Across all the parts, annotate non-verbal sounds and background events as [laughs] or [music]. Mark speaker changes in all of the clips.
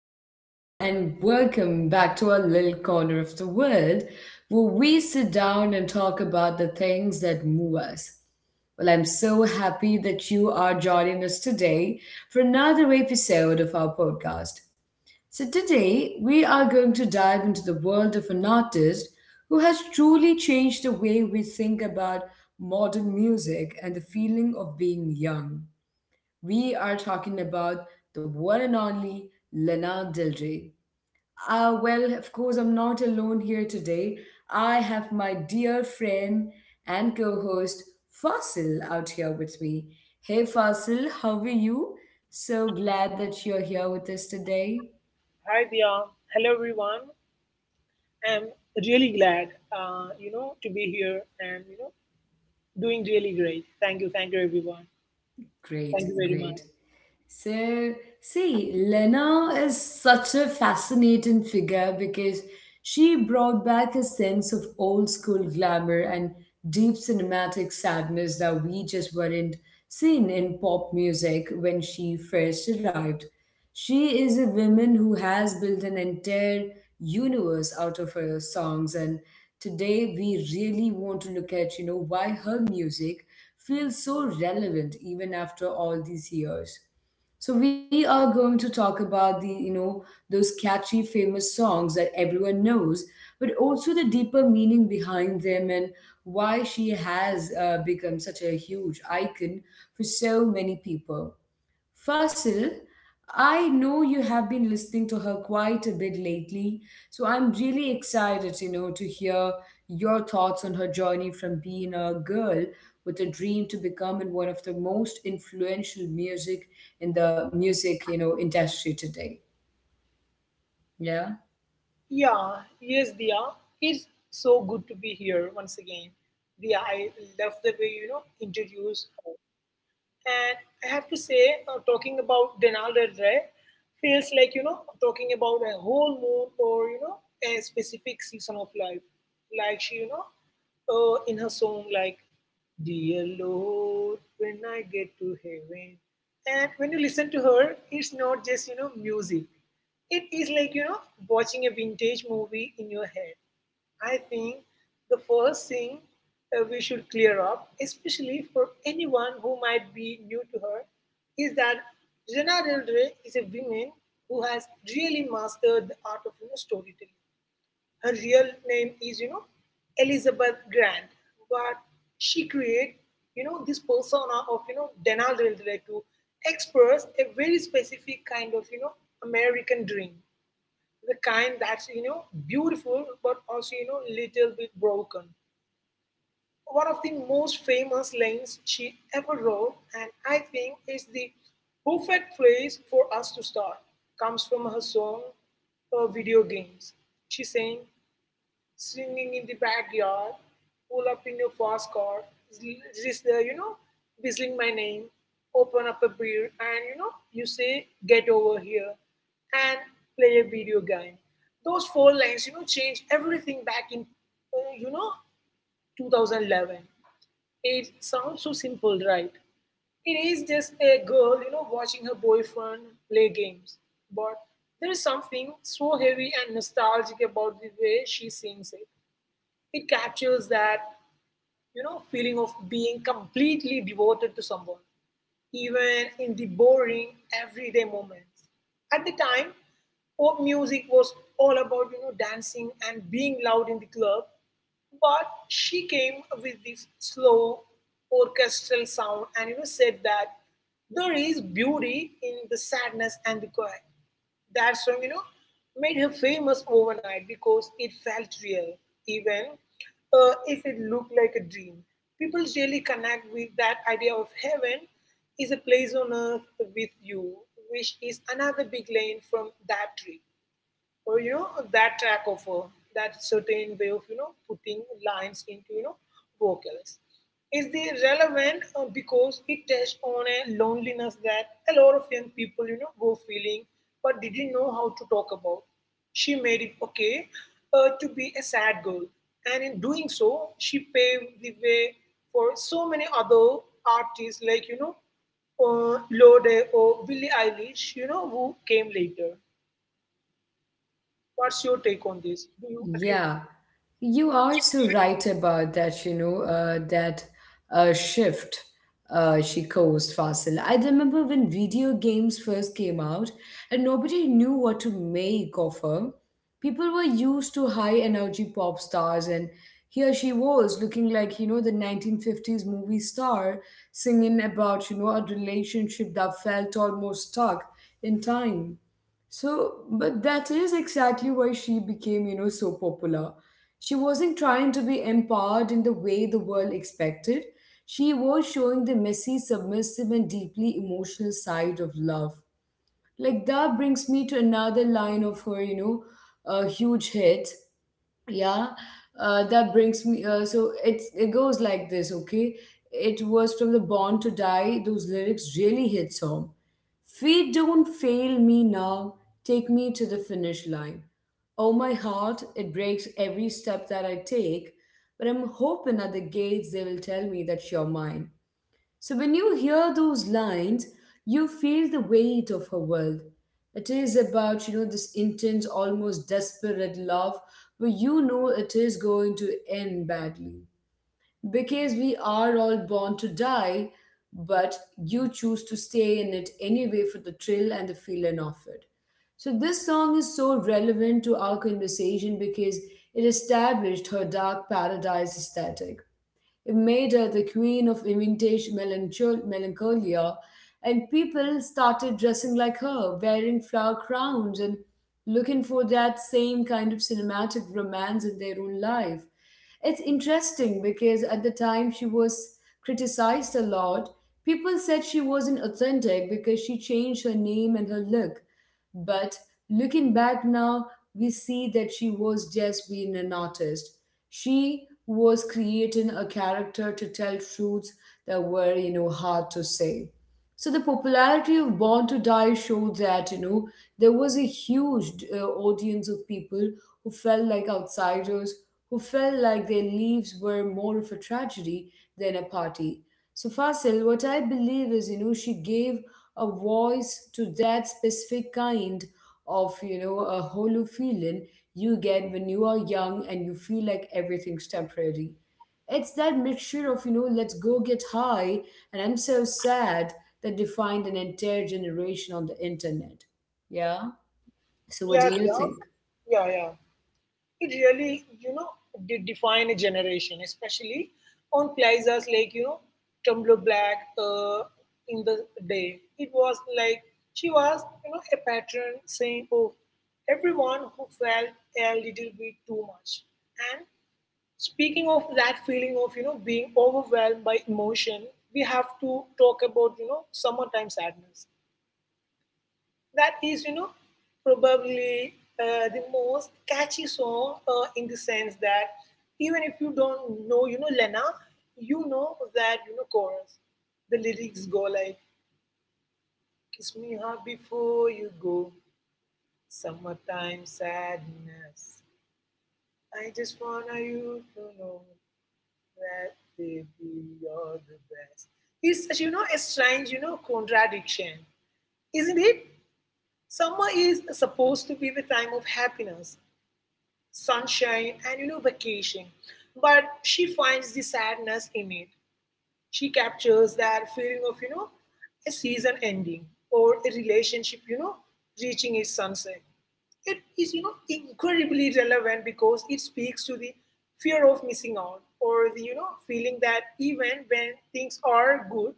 Speaker 1: everyone, and welcome back to our little corner of the world where we sit down and talk about the things that move us. Well, I'm so happy that you are joining us today for another episode of our podcast. So, today we are going to dive into the world of an artist who has truly changed the way we think about modern music and the feeling of being young. We are talking about the one and only Lana Del Rey. Well, of course, I'm not alone here today. I have my dear friend and co host Fasil out here with me. Hey, Fasil, how are you? So glad that you're here with us today.
Speaker 2: Hi Dia. Hello everyone. I'm really glad, to be here and doing really great. Thank you everyone. Thank you
Speaker 1: Great,
Speaker 2: very much.
Speaker 1: great. So, see, Lena is such a fascinating figure because she brought back a sense of old school glamour and deep cinematic sadness that we just weren't seeing in pop music when she first arrived. She is a woman who has built an entire universe out of her songs, and today we really want to look at, you know, why her music feels so relevant even after all these years. So we are going to talk about those catchy famous songs that everyone knows, but also the deeper meaning behind them and why she has become such a huge icon for so many people. Fasil, I know you have been listening to her quite a bit lately, so I'm really excited, you know, to hear your thoughts on her journey from being a girl with a dream to becoming one of the most influential music in the music, you know, industry today. Yeah.
Speaker 2: Yeah, yes, Dia. It's so good to be here once again. Dia, I love the way introduce. And I have to say, talking about Denal Del Rey feels like, talking about a whole moon or, a specific season of life. Like she, in her song, like, Dear Lord, when I get to heaven. And when you listen to her, it's not just, music. It is like, watching a vintage movie in your head. I think the first thing we should clear up, especially for anyone who might be new to her, is that Lana Del Rey is a woman who has really mastered the art of storytelling. Her real name is, Elizabeth Grant, but she created, this persona of, Lana Del Rey to express a very specific kind of, American dream, the kind that's beautiful but also little bit broken. One of the most famous lines she ever wrote, and I think is the perfect place for us to start, comes from her song, video games. She sang, swinging in the backyard, pull up in your fast car, just there, whistling my name, open up a beer, and you say, get over here and play a video game. Those four lines, change everything back in, 2011. It sounds so simple, right? It is just a girl, watching her boyfriend play games. But there is something so heavy and nostalgic about the way she sings it. It captures that feeling of being completely devoted to someone, even in the boring everyday moments. At the time, pop music was all about dancing and being loud in the club, but she came with this slow orchestral sound and said that there is beauty in the sadness and the quiet. That song, made her famous overnight because it felt real, even if it looked like a dream. People really connect with that idea of heaven is a place on earth with you, which is another big lane from that trip or that track offer that certain way of putting lines into vocals is the relevant, because it touches on a loneliness that a lot of young people go feeling but didn't know how to talk about. She made it okay, to be a sad girl, and in doing so she paved the way for so many other artists like Lorde or Billie Eilish, who came later. What's your take on this? Do you agree?
Speaker 1: Yeah, you are so right about that, you know, that shift she caused, Fasil. I remember when video games first came out and nobody knew what to make of her. People were used to high energy pop stars, and here she was looking like, you know, the 1950s movie star singing about, you know, a relationship that felt almost stuck in time. So, but that is exactly why she became, you know, so popular. She wasn't trying to be empowered in the way the world expected. She was showing the messy, submissive, and deeply emotional side of love. Like, that brings me to another line of her, you know, a huge hit, yeah. That brings me, so it goes like this. Okay, it was from the Born to Die. Those lyrics really hits home. Feet don't fail me now, take me to the finish line. Oh, my heart, it breaks every step that I take, but I'm hoping at the gates they will tell me that you're mine. So when you hear those lines, you feel the weight of her world. It is about, you know, this intense, almost desperate love where you know it is going to end badly. Because we are all born to die, but you choose to stay in it anyway for the thrill and the feeling of it. So this song is so relevant to our conversation because it established her dark paradise aesthetic. It made her the queen of vintage melancholia, and people started dressing like her, wearing flower crowns and looking for that same kind of cinematic romance in their own life. It's interesting because at the time she was criticized a lot. People said she wasn't authentic because she changed her name and her look. But looking back now, we see that she was just being an artist. She was creating a character to tell truths that were, you know, hard to say. So the popularity of Born to Die showed that, you know, there was a huge audience of people who felt like outsiders, who felt like their lives were more of a tragedy than a party. So Fasil, what I believe is, you know, she gave a voice to that specific kind of, you know, a hollow feeling you get when you are young and you feel like everything's temporary. It's that mixture of, you know, let's go get high and I'm so sad that defined an entire generation on the internet. Yeah, so what do
Speaker 2: Yeah,
Speaker 1: you
Speaker 2: yeah,
Speaker 1: think?
Speaker 2: yeah, yeah. It really, did define a generation, especially on places like Tumblr Black. In the day, it was like she was, a patron saying, "Oh, everyone who felt a little bit too much." And speaking of that feeling of being overwhelmed by emotion, we have to talk about summertime sadness. That is, probably the most catchy song, in the sense that even if you don't know, Lena, you know that, chorus. The lyrics go like, Kiss me hard before you go, summertime sadness. I just want you to know that baby, you're the best. It's such, a strange, contradiction, isn't it? Summer is supposed to be the time of happiness, sunshine, and vacation. But she finds the sadness in it. She captures that feeling of, a season ending or a relationship, reaching its sunset. It is, incredibly relevant because it speaks to the fear of missing out or the, feeling that even when things are good,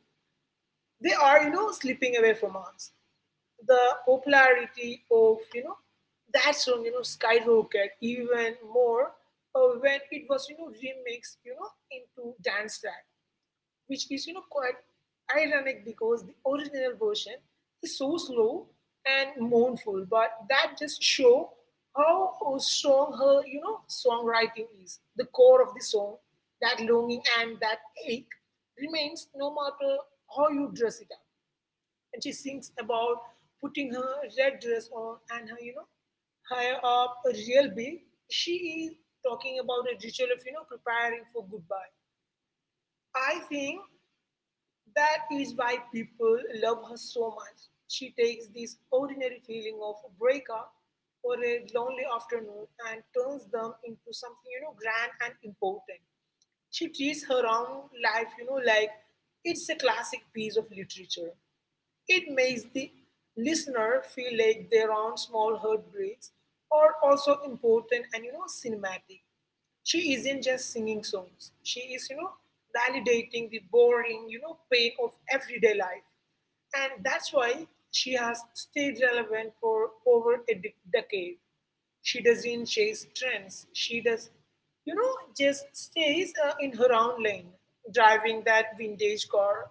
Speaker 2: they are, slipping away from us. The popularity of that song skyrocket even more, when it was remixed into dance track, which is quite ironic because the original version is so slow and mournful, but that just show how strong her songwriting is. The core of the song, that longing and that ache, remains no matter how you dress it up. And she sings about putting her red dress on and her, higher up a real big. She is talking about a ritual of, preparing for goodbye. I think that is why people love her so much. She takes this ordinary feeling of a breakup or a lonely afternoon and turns them into something, grand and important. She treats her own life, like it's a classic piece of literature. It makes the listener feel like their own small heartbreaks are also important and cinematic. She isn't just singing songs. She is, validating the boring, pain of everyday life. And that's why she has stayed relevant for over a decade. She doesn't chase trends. She does, just stays in her own lane, driving that vintage car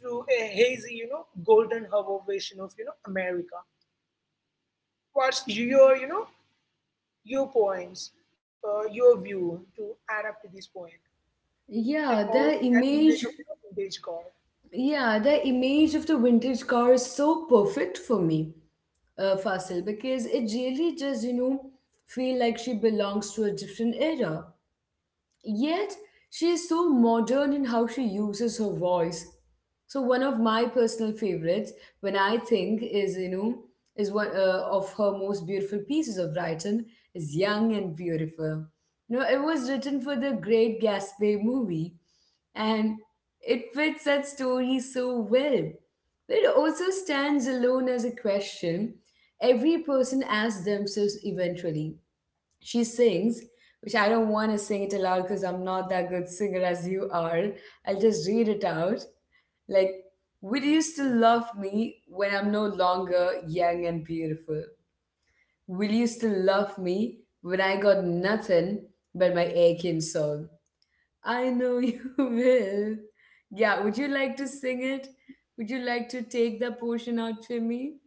Speaker 2: through a hazy, golden hour vision of, America. What's your, you know, your points, your view to add up to this point
Speaker 1: Yeah,
Speaker 2: about
Speaker 1: the
Speaker 2: that image of
Speaker 1: image,
Speaker 2: vintage car?
Speaker 1: yeah, the image of the vintage car is so perfect for me, Fasil, because it really does, you know, feel like she belongs to a different era. Yet, she is so modern in how she uses her voice. So one of my personal favorites, when I think is, you know, is one of her most beautiful pieces of writing is "Young and Beautiful." You know, it was written for the Great Gatsby movie, and it fits that story so well. But it also stands alone as a question every person asks themselves eventually. She sings, which I don't want to sing it aloud because I'm not that good singer as you are. I'll just read it out. Like, will you still love me when I'm no longer young and beautiful? Will you still love me when I got nothing but my aching soul? I know [laughs] you will. Yeah, would you like to sing it? Would you like to take that portion out to me?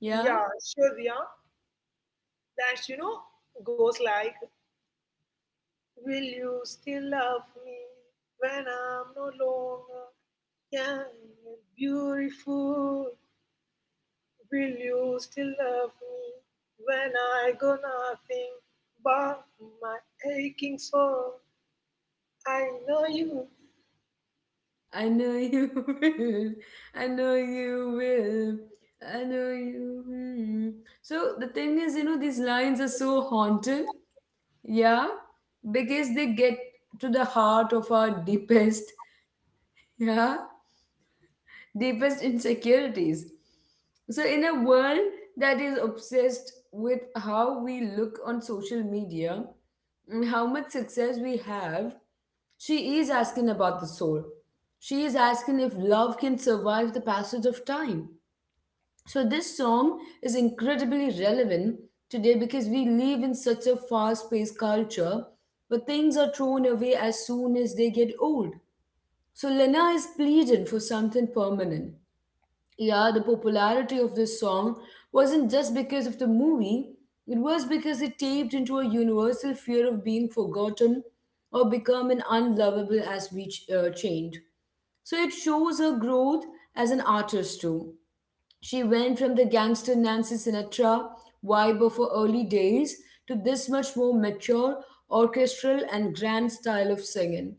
Speaker 1: Yeah?
Speaker 2: Yeah, sure, Dia. That, goes like, Will you still love me when I'm no longer? Yeah, you're beautiful. Will you still love me when I go nothing but my aching soul? I know you.
Speaker 1: I know you [laughs] will. I know you will. I know you. Hmm. So the thing is, you know, these lines are so haunting. Yeah. Because they get to the heart of our deepest. Yeah, deepest insecurities. So, in a world that is obsessed with how we look on social media and how much success we have, she is asking about the soul. She is asking if love can survive the passage of time. So, this song is incredibly relevant today because we live in such a fast paced culture where things are thrown away as soon as they get old. So, Lena is pleading for something permanent. Yeah, the popularity of this song wasn't just because of the movie, it was because it tapped into a universal fear of being forgotten or becoming unlovable as we changed. So it shows her growth as an artist too. She went from the gangster Nancy Sinatra vibe of her early days to this much more mature, orchestral, and grand style of singing.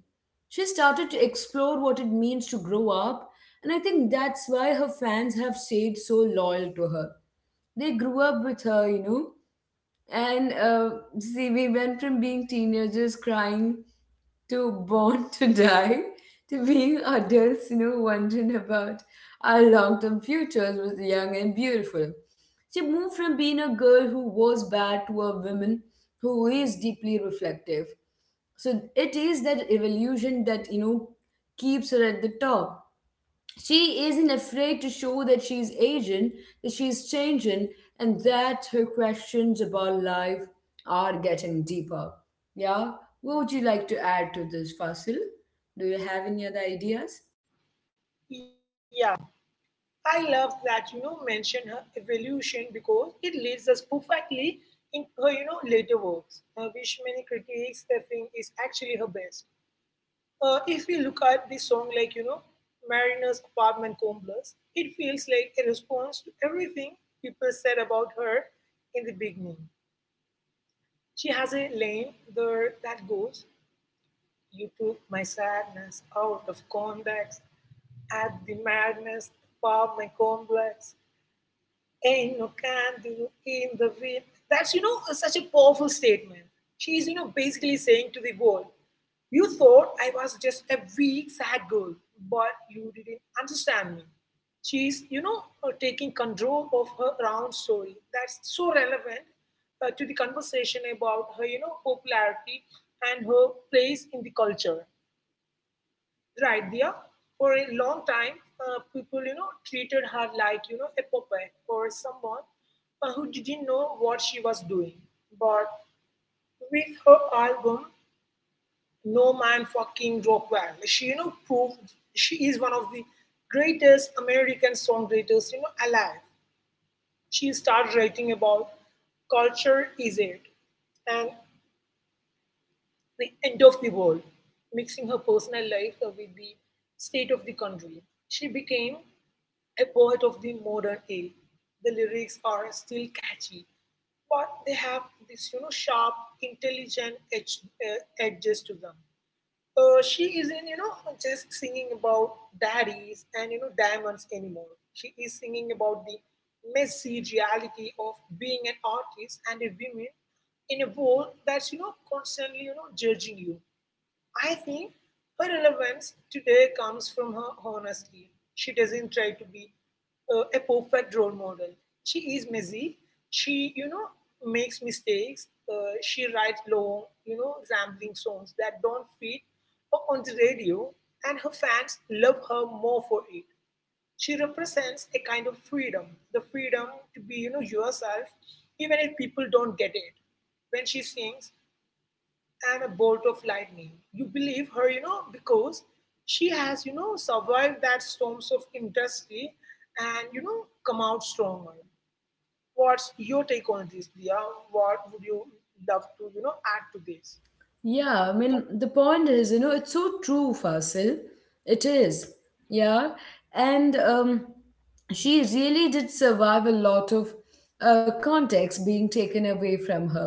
Speaker 1: She started to explore what it means to grow up, and I think that's why her fans have stayed so loyal to her. They grew up with her, you know. And see, we went from being teenagers crying to Born [laughs] to Die to being adults, you know, wondering about our long term futures was young and beautiful. She moved from being a girl who was bad to a woman who is deeply reflective. So it is that evolution that, you know, keeps her at the top. She isn't afraid to show that she's aging, that she's changing, and that her questions about life are getting deeper. Yeah? What would you like to add to this, Fasil? Do you have any other ideas?
Speaker 2: Yeah, I love that mention her evolution because it leads us perfectly in her later works, which many critics think is actually her best. If we look at the song like, Mariner's apartment complex, it feels like a response to everything people said about her in the beginning. She has a lane there that goes, You took my sadness out of context, at the madness of my complex ain't no can do in the wind. That's, such a powerful statement. She's, basically saying to the world, you thought I was just a weak, sad girl, but you didn't understand me. She's, taking control of her own story. That's so relevant, to the conversation about her, popularity and her place in the culture right there. For a long time, people treated her like a puppet or someone, who didn't know what she was doing. But with her album No Man Fucking Rockwell, she proved she is one of the greatest American songwriters alive. She started writing about culture is it and the end of the world, mixing her personal life with the state of the country. She became a poet of the modern age. The lyrics are still catchy, but they have this sharp, intelligent edges to them. She isn't just singing about daddies and diamonds anymore. She is singing about the messy reality of being an artist and a woman in a world that's constantly judging you. I think her relevance today comes from her honesty. She doesn't try to be a perfect role model. She is messy. She, makes mistakes. She writes long, rambling songs that don't fit on the radio, and her fans love her more for it. She represents a kind of freedom, the freedom to be, yourself, even if people don't get it when she sings, and a bolt of lightning. You believe her, because she has, survived that storms of industry and, come out stronger. What's your take on this, Dia? What would you love to, add to this?
Speaker 1: Yeah, I mean, the point is, you know, it's so true, Fasil. It is. Yeah. And she really did survive a lot of context being taken away from her.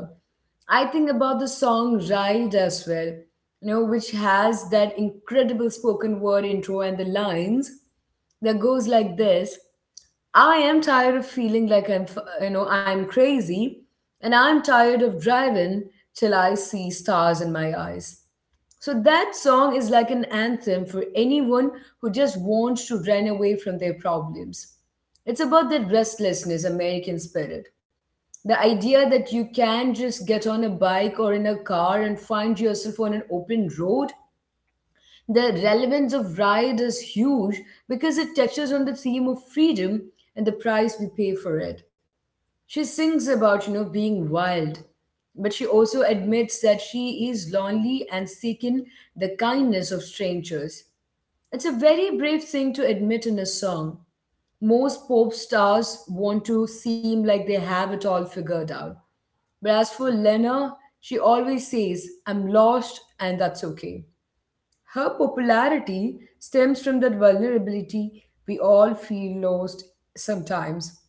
Speaker 1: I think about the song Ride as well, you know, which has that incredible spoken word intro and the lines that goes like this. I am tired of feeling like I'm, you know, I'm crazy, and I'm tired of driving till I see stars in my eyes. So that song is like an anthem for anyone who just wants to run away from their problems. It's about that restlessness, American spirit. The idea that you can just get on a bike or in a car and find yourself on an open road. The relevance of Ride is huge because it touches on the theme of freedom and the price we pay for it. She sings about, you know, being wild, but she also admits that she is lonely and seeking the kindness of strangers. It's a very brave thing to admit in a song. Most pop stars want to seem like they have it all figured out. But as for Lena, she always says, I'm lost and that's okay. Her popularity stems from that vulnerability. We all feel lost sometimes.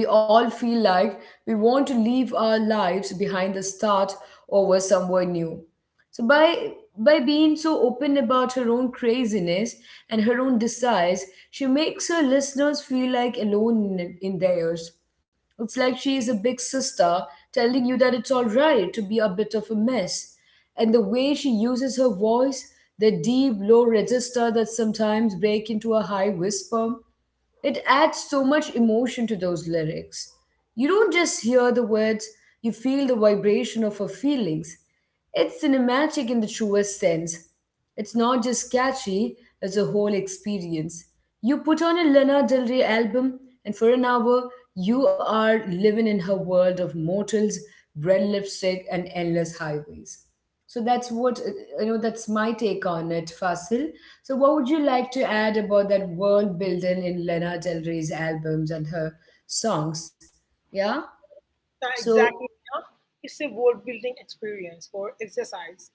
Speaker 1: We all feel like we want to leave our lives behind the start over somewhere new. So by being so open about her own craziness and her own desires, she makes her listeners feel like alone in theirs. It's like she is a big sister telling you that it's all right to be a bit of a mess. And the way she uses her voice, the deep low register that sometimes break into a high whisper, it adds so much emotion to those lyrics. You don't just hear the words, you feel the vibration of her feelings. It's cinematic in the truest sense. It's not just catchy, it's a whole experience. You put on a Lana Del Rey album, and for an hour, you are living in her world of mortals, red lipstick, and endless highways. So that's what you know. That's my take on it, Fasil. So what would you like to add about that world building in Lana Del Rey's albums and her songs? Yeah.
Speaker 2: Uh,
Speaker 1: So
Speaker 2: exactly. Diya. It's a world building experience or exercise,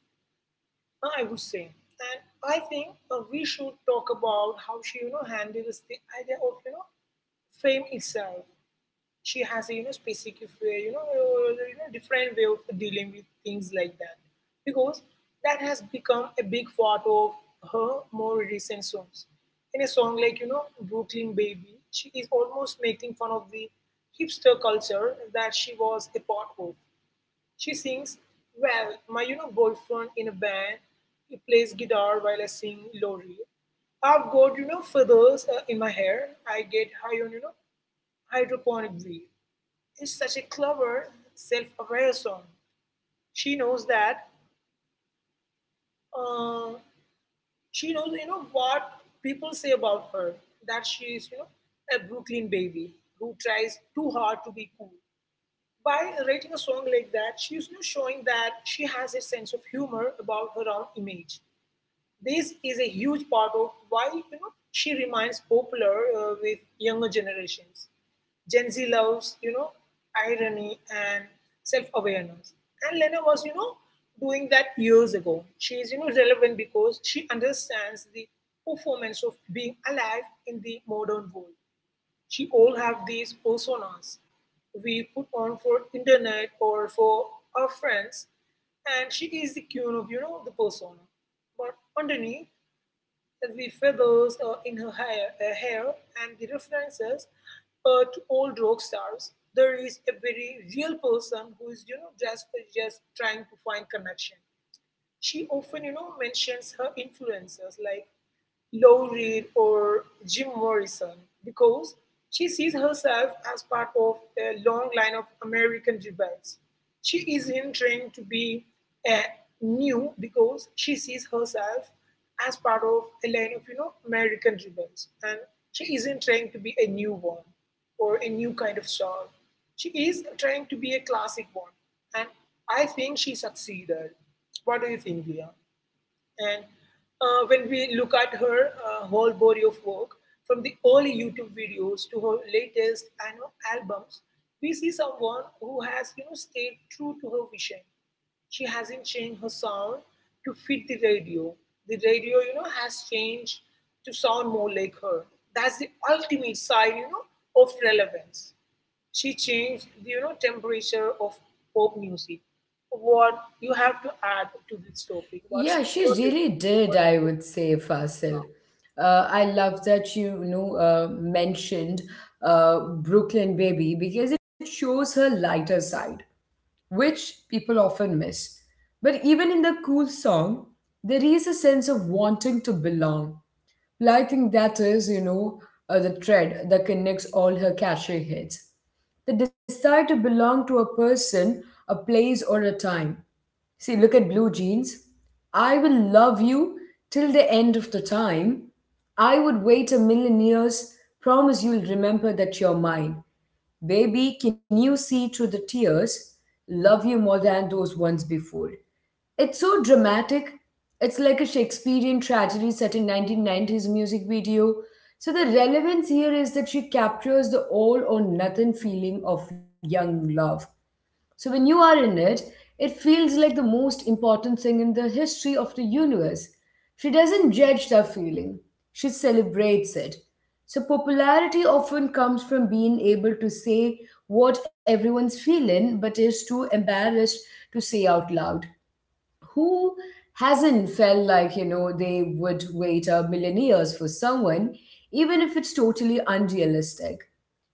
Speaker 2: I would say. And I think we should talk about how she, handles the idea of, fame itself. She has a specific way, different way of dealing with things like that, because that has become a big part of her more recent songs. In a song like Brooklyn Baby, she is almost making fun of the hipster culture that she was a part of. She sings, "Well, my boyfriend in a band, he plays guitar while I sing Lori. I've got feathers in my hair. I get high on hydroponic weed," is such a clever, self-aware song. She knows that uh, she knows what people say about her, that she is a Brooklyn baby who tries too hard to be cool. By writing a song like that, she is showing that she has a sense of humor about her own image. This is a huge part of why she remains popular with younger generations. Gen Z loves irony and self-awareness, and Lena was doing that years ago. She is relevant because she understands the performance of being alive in the modern world. She all have these personas we put on for internet or for our friends, and she is the queen of the persona, but underneath the feathers in her hair and the references to old rock stars, there is a very real person who is just trying to find connection. She often, mentions her influences like Lou Reed or Jim Morrison because she sees herself as part of a long line of American rebels. She isn't trying to be uh, new because she sees herself as part of a line of American rebels, and she isn't trying to be a new one or a new kind of star. She is trying to be a classic one, and I think she succeeded. What do you think, Dia? And when we look at her whole body of work, from the early YouTube videos to her latest I know, albums, we see someone who has stayed true to her vision. She hasn't changed her sound to fit the radio. The radio, has changed to sound more like her. That's the ultimate sign, of relevance. She changed the temperature of pop music. What you have to add to this topic, what's
Speaker 1: yeah, she
Speaker 2: important,
Speaker 1: really did.
Speaker 2: what's
Speaker 1: I would say, Fasil. I love that you know mentioned Brooklyn Baby because it shows her lighter side, which people often miss. But even in the cool song, there is a sense of wanting to belong. Well, I think that is, the thread that connects all her catchy hits. The desire to belong to a person, a place, or a time. See, look at Blue Jeans. I will love you till the end of the time. I would wait a million years, promise you'll remember that you're mine. Baby, can you see through the tears? Love you more than those ones before. It's so dramatic. It's like a Shakespearean tragedy set in 1990s music video. So the relevance here is that she captures the all or nothing feeling of young love. So when you are in it, it feels like the most important thing in the history of the universe. She doesn't judge that feeling, she celebrates it. So popularity often comes from being able to say what everyone's feeling but is too embarrassed to say out loud. Who hasn't felt like, you know, they would wait a million years for someone, even if it's totally unrealistic?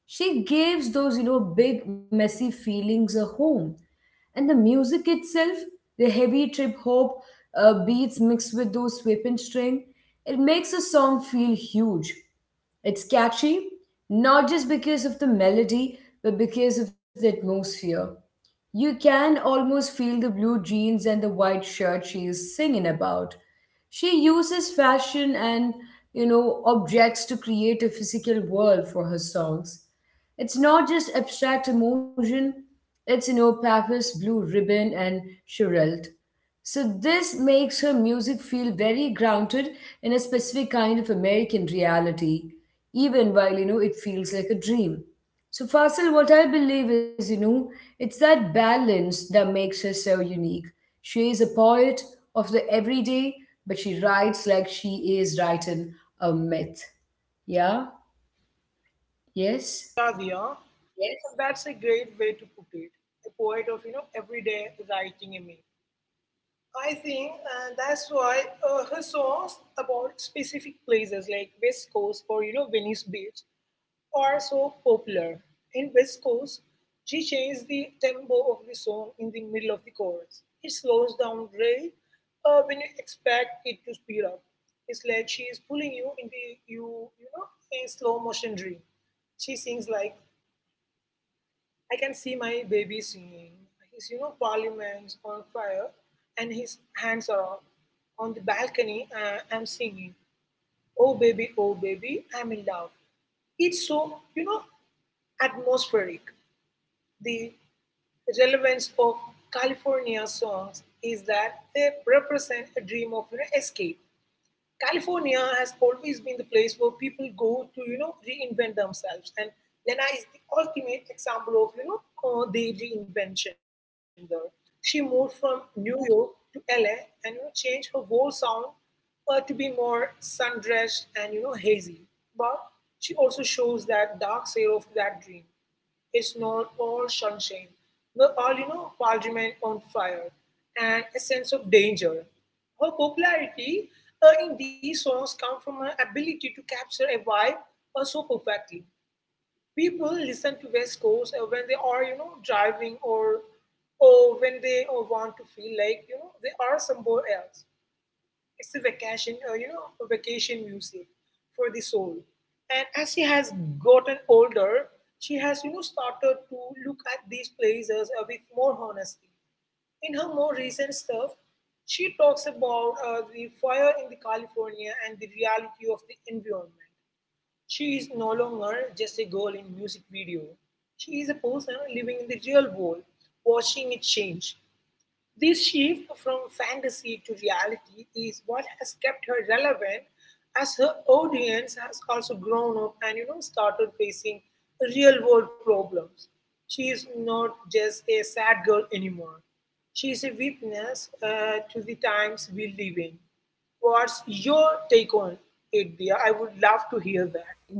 Speaker 1: She gives those, you know, big, messy feelings a home. And the music itself, the heavy trip hop beats mixed with those sweeping string, it makes a song feel huge. It's catchy, not just because of the melody, but because of the atmosphere. You can almost feel the blue jeans and the white shirt she is singing about. She uses fashion and, you know, objects to create a physical world for her songs. It's not just abstract emotion, it's, you know, Pappas, Blue Ribbon, and Sherelt. So this makes her music feel very grounded in a specific kind of American reality, even while you know it feels like a dream. So Fasil, what I believe is, you know, it's that balance that makes her so unique. She is a poet of the everyday, but she writes like she is writing a myth. Yeah?
Speaker 2: caviar,
Speaker 1: Yes?
Speaker 2: Yes. That's a great way to put it. A poet of, everyday writing in me. I think that's why her songs about specific places like West Coast or, Venice Beach are so popular. In West Coast, she changes the tempo of the song in the middle of the chorus. It slows down right when you expect it to speed up. It's like she is pulling you into you, you know, a slow motion dream. She sings like, I can see my baby singing. His, parliament's on fire and his hands are up. On the balcony, I'm singing. Oh baby, I'm in love. It's so, atmospheric. The relevance of California songs is that they represent a dream of escape. California has always been the place where people go to, reinvent themselves. And Lena is the ultimate example of, the reinvention there. She moved from New York to LA and, changed her whole sound to be more sun-dressed and, hazy. But she also shows that dark side of that dream. It's not all sunshine, not all, parliament on fire, and a sense of danger. Her popularity in these songs come from her ability to capture a vibe so perfectly. People listen to West Coast when they are, driving or when they want to feel like, they are somewhere else. It's a vacation, a vacation music for the soul. And as she has gotten older, she has, started to look at these places with more honesty. In her more recent stuff, she talks about the fire in the California and the reality of the environment. She is no longer just a girl in music video. She is a person living in the real world, watching it change. This shift from fantasy to reality is what has kept her relevant as her audience has also grown up and started facing real world problems. She is not just a sad girl anymore. She is a witness to the times we live in. What's your take on it, dear? I would love to hear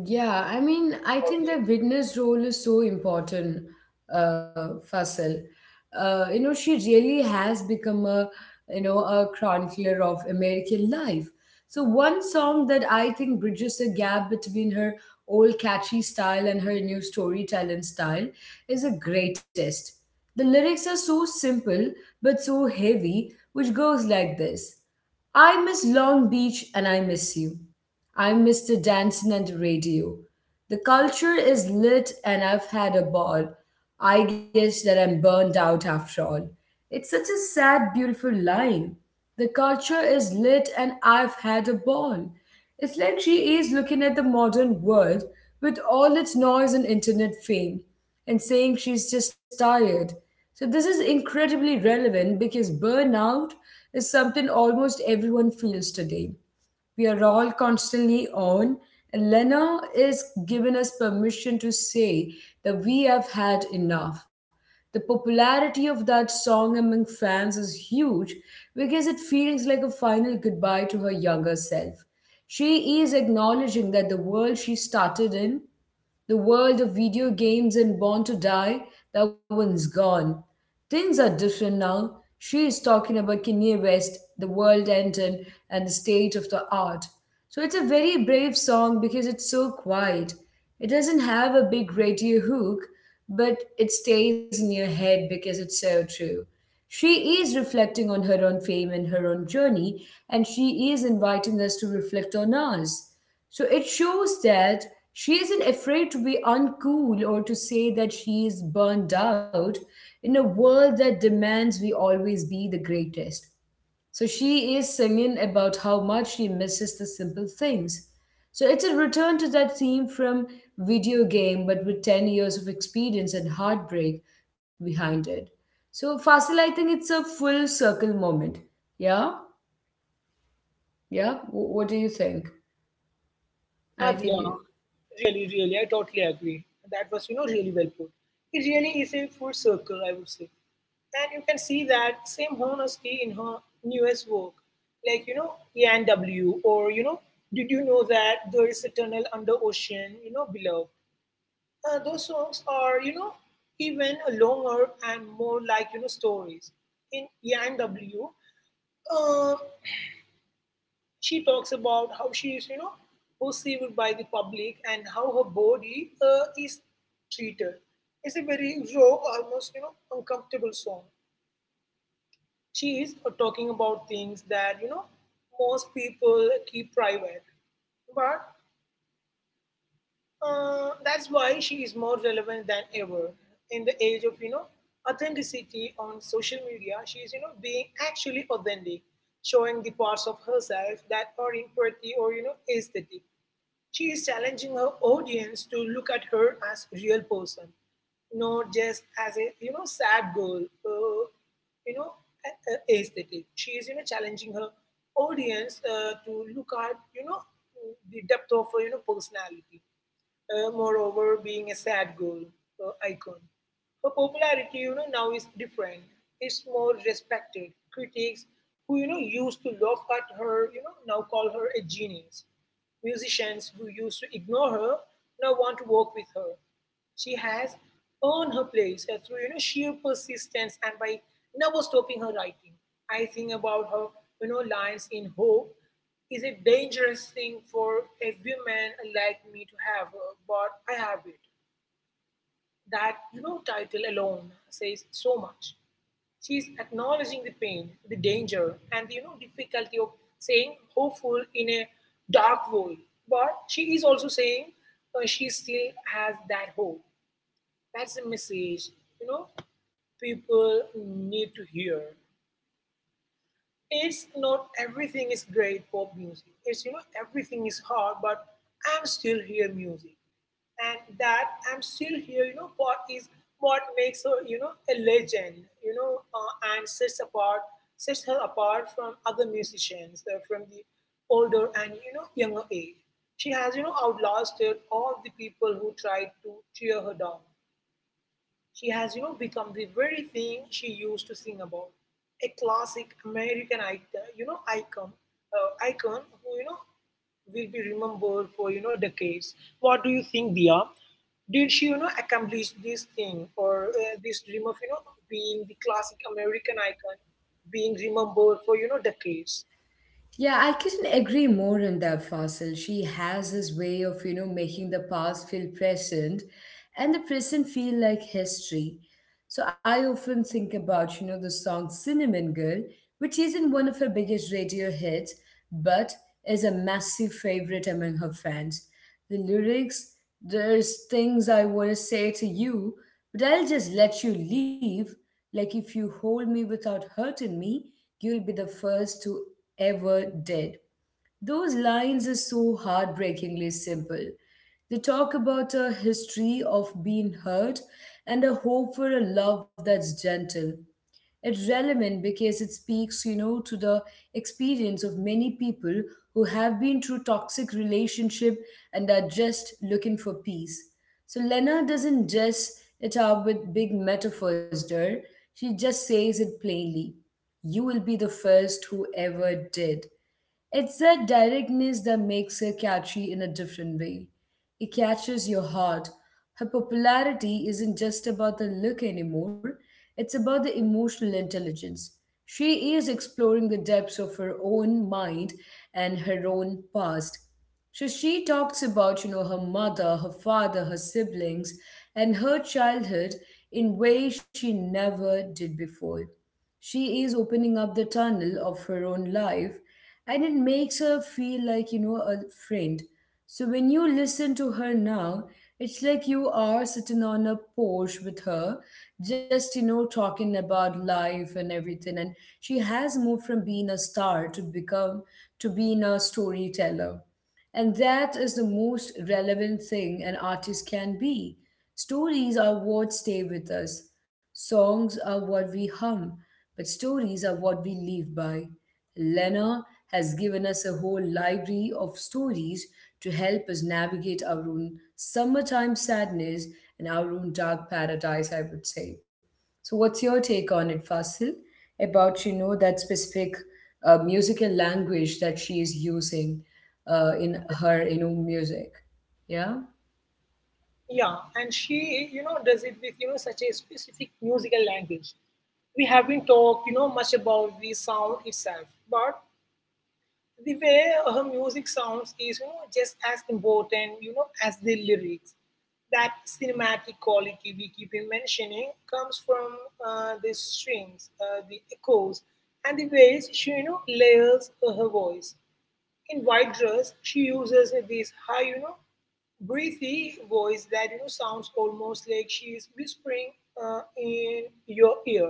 Speaker 1: Yeah, I mean, I think
Speaker 2: that.
Speaker 1: the witness role is so important, Fasil. You know, she really has become you know, a chronicler of American life. So one song that I think bridges the gap between her old catchy style and her new storytelling style is the greatest. The lyrics are so simple but so heavy, which goes like this. I miss Long Beach and I miss you. I'm Mr. Dancing at the Radio. The culture is lit and I've had a ball. I guess that I'm burned out after all. It's such a sad, beautiful line. The culture is lit and I've had a ball. It's like she is looking at the modern world with all its noise and internet fame and saying she's just tired. So, this is incredibly relevant because burnout is something almost everyone feels today. We are all constantly on. And Lena is given us permission to say that we have had enough. The popularity of that song among fans is huge because it feels like a final goodbye to her younger self. She is acknowledging that the world she started in, the world of video games and Born to Die, that one's gone. Things are different now. She is talking about Kanye West, the world ended, and the state of the art. So it's a very brave song because it's so quiet. It doesn't have a big radio hook, but it stays in your head because it's so true. She is reflecting on her own fame and her own journey, and she is inviting us to reflect on ours. So it shows that she isn't afraid to be uncool or to say that she is burned out in a world that demands we always be the greatest. So she is singing about how much she misses the simple things. So it's a return to that theme from video game, but with 10 years of experience and heartbreak behind it. So Fasil, I think it's a full circle moment. Yeah? What do you think?
Speaker 2: Yeah,
Speaker 1: I
Speaker 2: yeah,
Speaker 1: think.
Speaker 2: really, really, I totally agree. That was, really well put. It really is a full circle, I would say. And you can see that same honesty in her newest work, like, E and W. Or, Did You Know That There Is a Tunnel Under Ocean, Below. Those songs are, even longer and more like, stories. In E and ENW, she talks about how she is, perceived by the public and how her body is treated. It's a very raw, almost uncomfortable song. She is talking about things that most people keep private, but that's why she is more relevant than ever in the age of authenticity on social media. She is being actually authentic, showing the parts of herself that are in pretty or aesthetic. She is challenging her audience to look at her as a real person, not just as a sad girl, you know aesthetic. She is challenging her audience to look at the depth of her personality, moreover being a sad girl icon. Her popularity, now is different. It's more respected. Critics who, used to laugh at her, now call her a genius. Musicians who used to ignore her now want to work with her. She has earned her place through, sheer persistence and by never stopping her writing. I think about her, lines in Hope is a dangerous thing for a woman like me to have, but I have it. That title alone says so much. She's acknowledging the pain, the danger, and the difficulty of saying hopeful in a dark world. But she is also saying she still has that hope. That's a message you know people need to hear. It's not everything is great pop music. It's everything is hard, but I'm still here music, and that I'm still here. You know what is what makes her a legend. You know and sets her apart from other musicians from the older and younger age. She has outlasted all the people who tried to tear her down. She has, become the very thing she used to sing about. A classic American, icon who, will be remembered for, decades. What do you think, Dia? Did she, accomplish this thing or this dream of, being the classic American icon, being remembered for, decades?
Speaker 1: Yeah, I couldn't agree more on that, Fasil. She has this way of, you know, making the past feel present and the present feel like history. So I often think about, you know, the song Cinnamon Girl, which isn't one of her biggest radio hits, but is a massive favorite among her fans. The lyrics, there's things I want to say to you, but I'll just let you leave. Like if you hold me without hurting me, you'll be the first to ever did. Those lines are so heartbreakingly simple. They talk about a history of being hurt and a hope for a love that's gentle. It's relevant because it speaks, you know, to the experience of many people who have been through toxic relationship and are just looking for peace. So Lena doesn't dress it up with big metaphors there. She just says it plainly. You will be the first who ever did. It's that directness that makes her catchy in a different way. It catches your heart. Her popularity isn't just about the look anymore, it's about the emotional intelligence. She is exploring the depths of her own mind and her own past. So she talks about, you know, her mother, her father, her siblings, and her childhood in ways she never did before. She is opening up the tunnel of her own life, and it makes her feel like you know a friend. So when you listen to her now, it's like you are sitting on a porch with her, just you know talking about life and everything. And she has moved from being a star to become to being a storyteller, and that is the most relevant thing an artist can be. Stories are what stay with us, songs are what we hum, but stories are what we live by. Lena has given us a whole library of stories to help us navigate our own summertime sadness and our own dark paradise, I would say. So, what's your take on it, Fasil, about you know that specific musical language that she is using in her you know music? Yeah.
Speaker 2: Yeah, and she, does it with, such a specific musical language. We haven't talked, much about the sound itself, but the way her music sounds is just as important, as the lyrics. That cinematic quality we keep in mentioning comes from the strings, the echoes, and the ways she, layers her voice. In white dress, she uses this high, breathy voice that sounds almost like she is whispering in your ear.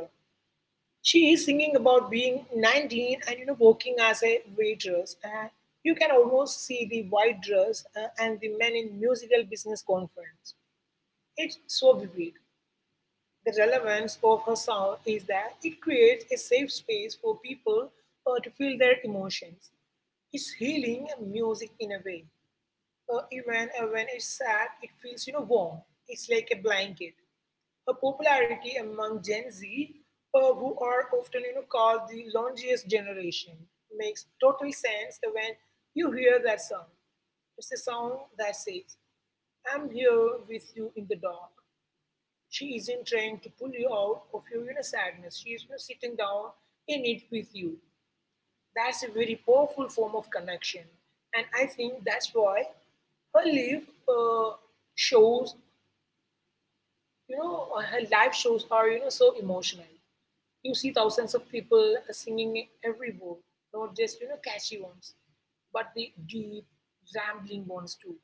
Speaker 2: She is singing about being 19 and working as a waitress, and you can almost see the white dress and the men in musical business conference. It's so vivid. The relevance of her sound is that it creates a safe space for people to feel their emotions. It's healing music in a way, even when it's sad, it feels warm. It's like a blanket. Her popularity among Gen Z, who are often called the loneliest generation, makes total sense when you hear that song. It's a song that says, "I'm here with you in the dark." She isn't trying to pull you out of your sadness. She is sitting down in it with you. That's a very powerful form of connection. And I think that's why her live uh, shows, her live shows are, so emotional. You see thousands of people singing every word, not just, catchy ones, but the deep, rambling ones too.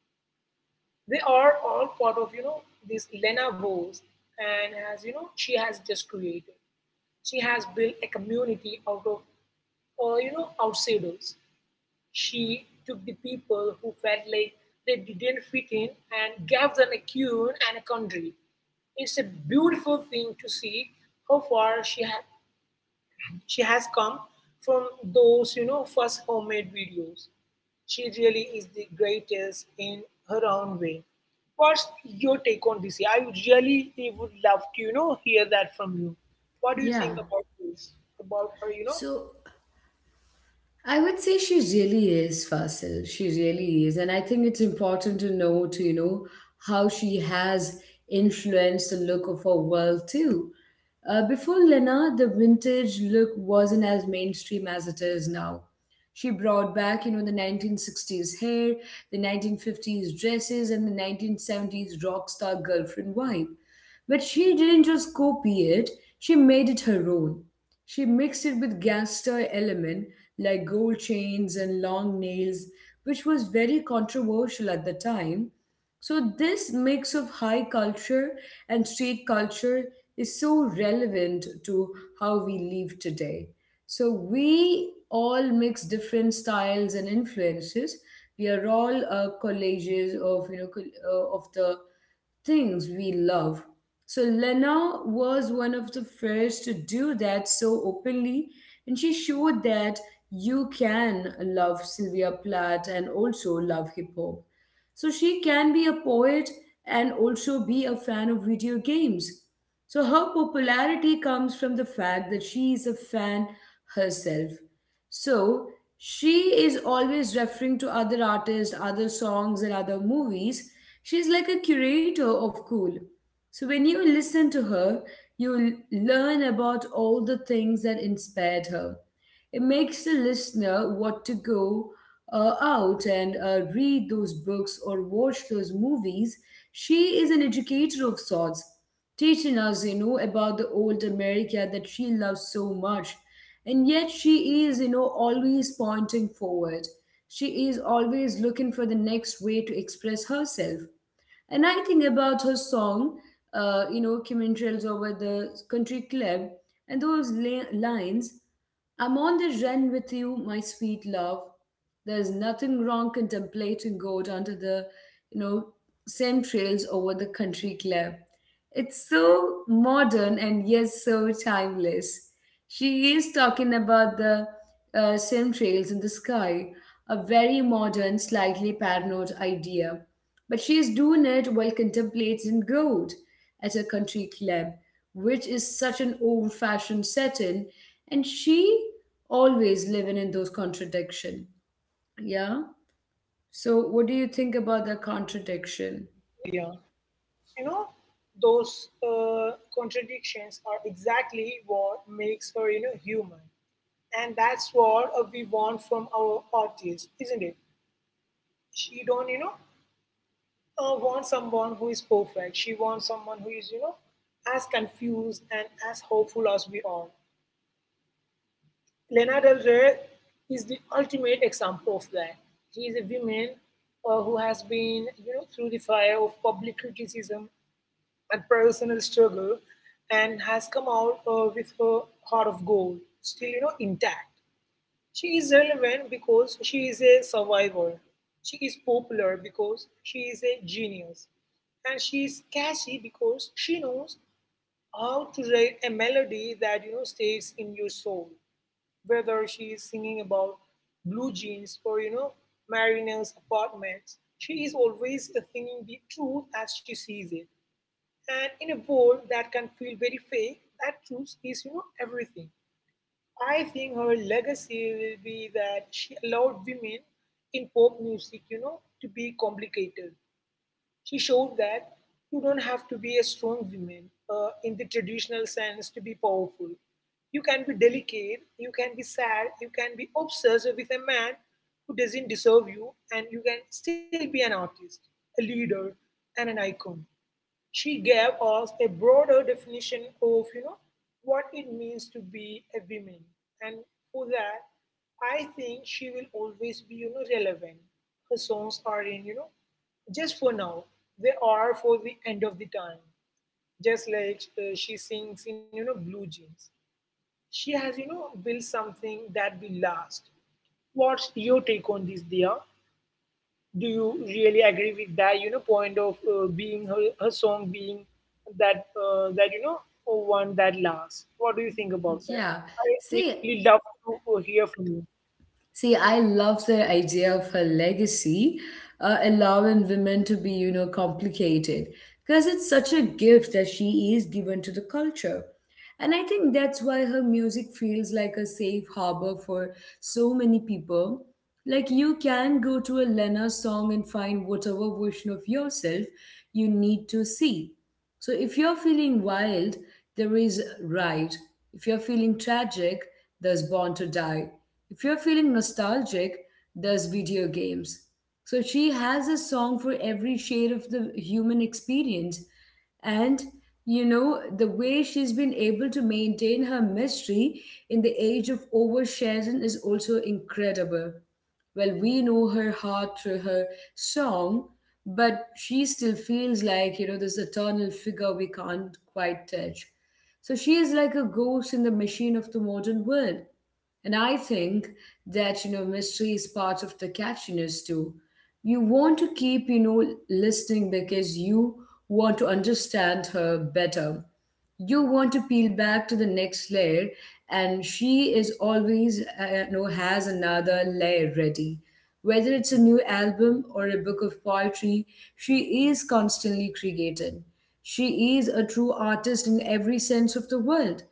Speaker 2: They are all part of, this Lena Vose and as, she has just created. She has built a community out of, outsiders. She took the people who felt like they didn't fit in and gave them a tune and a country. It's a beautiful thing to see how far she has come from those, first homemade videos. She really is the greatest in her own way. What's your take on this? I would love to, hear that from you. What do you
Speaker 1: Yeah.
Speaker 2: think about this? About her, you know,
Speaker 1: So I would say she really is, Fasil. She really is. And I think it's important to note, you know, how she has influenced the look of her world too. Before Lena, the vintage look wasn't as mainstream as it is now. She brought back, you know, the 1960s hair, the 1950s dresses, and the 1970s rock star girlfriend vibe. But she didn't just copy it, she made it her own. She mixed it with gangster element like gold chains and long nails, which was very controversial at the time. So this mix of high culture and street culture is so relevant to how we live today. So we all mix different styles and influences. We are all collages of you know col- of the things we love. So Lena was one of the first to do that so openly, and she showed that you can love Sylvia Plath and also love hip hop. So she can be a poet and also be a fan of video games. So her popularity comes from the fact that she is a fan herself. So she is always referring to other artists, other songs, and other movies. She's like a curator of cool. So when you listen to her, learn about all the things that inspired her. It makes the listener want to go out and read those books or watch those movies. She is an educator of sorts, teaching us, you know, about the old America that she loves so much. And yet she is, you know, always pointing forward. She is always looking for the next way to express herself. And I think about her song, you know, Kim Trails over the country club, and lines. I'm on the run with you, my sweet love. There's nothing wrong contemplating God under the, you know, same trails over the country club. It's so modern and yes, so timeless. She is talking about the same trails in the sky, a very modern, slightly paranoid idea. But she is doing it while contemplating gold at a country club, which is such an old fashioned setting, and she always living in those contradiction. Yeah. So what do you think about the contradiction?
Speaker 2: career? You know, those contradictions are exactly what makes her , you know, human, and that's what we want from our artists, isn't it? She don't you know Want someone who is perfect? She wants someone who is, you know, as confused and as hopeful as we are. Lena Del Rey is the ultimate example of that. She is a woman who has been, you know, through the fire of public criticism, that personal struggle, and has come out with her heart of gold still, you know, intact. She is relevant because she is a survivor. She is popular because she is a genius. And she is catchy because she knows how to write a melody that, you know, stays in your soul. Whether she is singing about blue jeans or, you know, Mariner's apartments, she is always thinking the truth as she sees it. And in a world that can feel very fake, that truth is, you know, everything. I think her legacy will be that she allowed women in pop music, you know, to be complicated. She showed that you don't have to be a strong woman in the traditional sense to be powerful. You can be delicate, you can be sad, you can be obsessed with a man who doesn't deserve you, and you can still be an artist, a leader, and an icon. She gave us a broader definition of, you know, what it means to be a woman. And for that, I think she will always be, you know, relevant. Her songs are in, you know, just for now. They are for the end of the time. Just like she sings in, you know, blue jeans. She has, you know, built something that will last. What's your take on this, Dia? Do you really agree with that, you know, point of being her, her song being that you know, one that lasts? What do you think about that?
Speaker 1: Yeah.
Speaker 2: I
Speaker 1: See,
Speaker 2: really love to hear from you.
Speaker 1: See, I love the idea of her legacy, allowing women to be, you know, complicated, because it's such a gift that she is given to the culture. And I think that's why her music feels like a safe harbor for so many people. Like, you can go to a Lena song and find whatever version of yourself you need to see. So if you're feeling wild, there is ride. If you're feeling tragic, there's born to die. If you're feeling nostalgic, there's video games. So she has a song for every shade of the human experience. And you know, the way she's been able to maintain her mystery in the age of oversharing is also incredible. Well, we know her heart through her song, but she still feels like you know this eternal figure we can't quite touch. So she is like a ghost in the machine of the modern world. And I think that you know mystery is part of the catchiness too. You want to keep listening because you want to understand her better. You want to peel back to the next layer, and she is always you know has another layer ready, whether it's a new album or a book of poetry. She is constantly creating. She is a true artist in every sense of the word.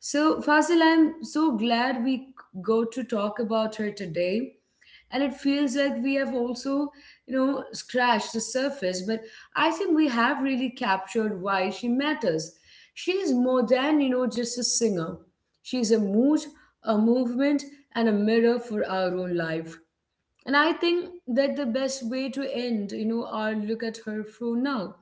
Speaker 1: So, Fazil, I'm so glad we go to talk about her today. And it feels like we have also, you know, scratched the surface, but I think we have really captured why she matters. She is more than, you know, just a singer. She is a mood, a movement, and a mirror for our own life. And I think that the best way to end, you know, our look at her from now,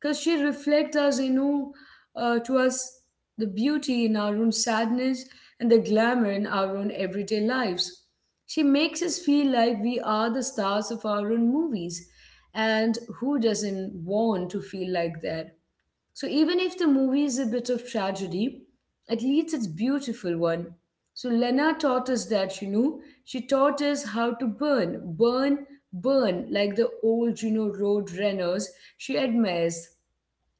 Speaker 1: because she reflects us, you know, to us the beauty in our own sadness and the glamour in our own everyday lives. She makes us feel like we are the stars of our own movies, and who doesn't want to feel like that? So even if the movie is a bit of tragedy, at least it's beautiful one. So Lena taught us that, you know, she taught us how to burn, burn, burn, like the old, you know, road runners she admires.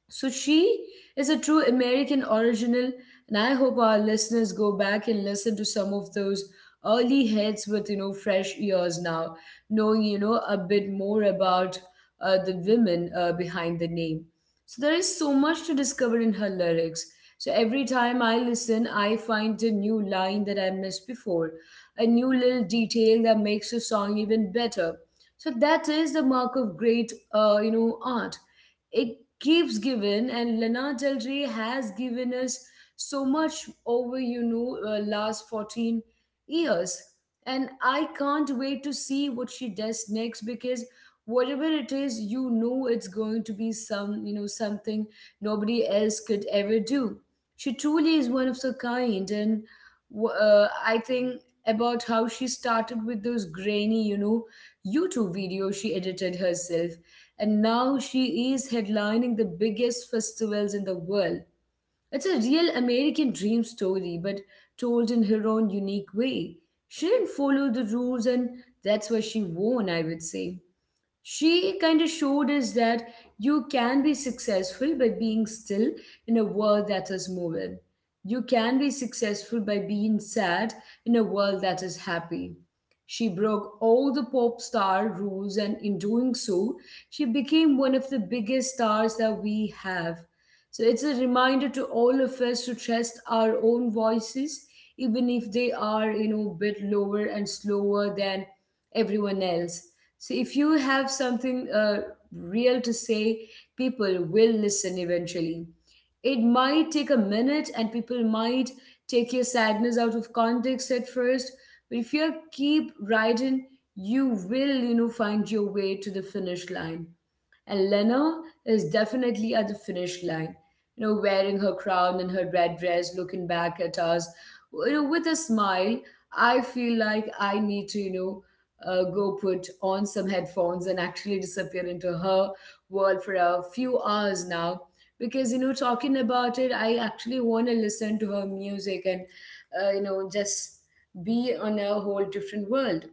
Speaker 1: So she is a true American original, and I hope our listeners go back and listen to some of those early hits with you know fresh ears now, knowing you know a bit more about the women behind the name. So there is so much to discover in her lyrics. So every time I listen, I find a new line that I missed before, a new little detail that makes a song even better. So that is the mark of great, you know, art. It keeps giving, and Lana Del Rey has given us so much over you know last 14 years. And I can't wait to see what she does next because whatever it is you know it's going to be some something nobody else could ever do. She truly is one of the kind. And I think about how she started with those grainy you know YouTube videos she edited herself, and now she is headlining the biggest festivals in the world. It's a real American dream story, but told in her own unique way. She didn't follow the rules, and that's why she won. I would say she kind of showed us that you can be successful by being still in a world that is moving. You can be successful by being sad in a world that is happy. She broke all the pop star rules, and in doing so, she became one of the biggest stars that we have. So it's a reminder to all of us to trust our own voices, even if they are, you know, a bit lower and slower than everyone else. So if you have something real to say, people will listen eventually. It might take a minute and people might take your sadness out of context at first, but if you keep riding, you will, you know, find your way to the finish line. And Lena is definitely at the finish line, you know, wearing her crown and her red dress, looking back at us, you know, with a smile. I feel like I need to, you know, go put on some headphones and actually disappear into her world for a few hours now. Because, you know, talking about it, I actually want to listen to her music and, you know, just be on a whole different world.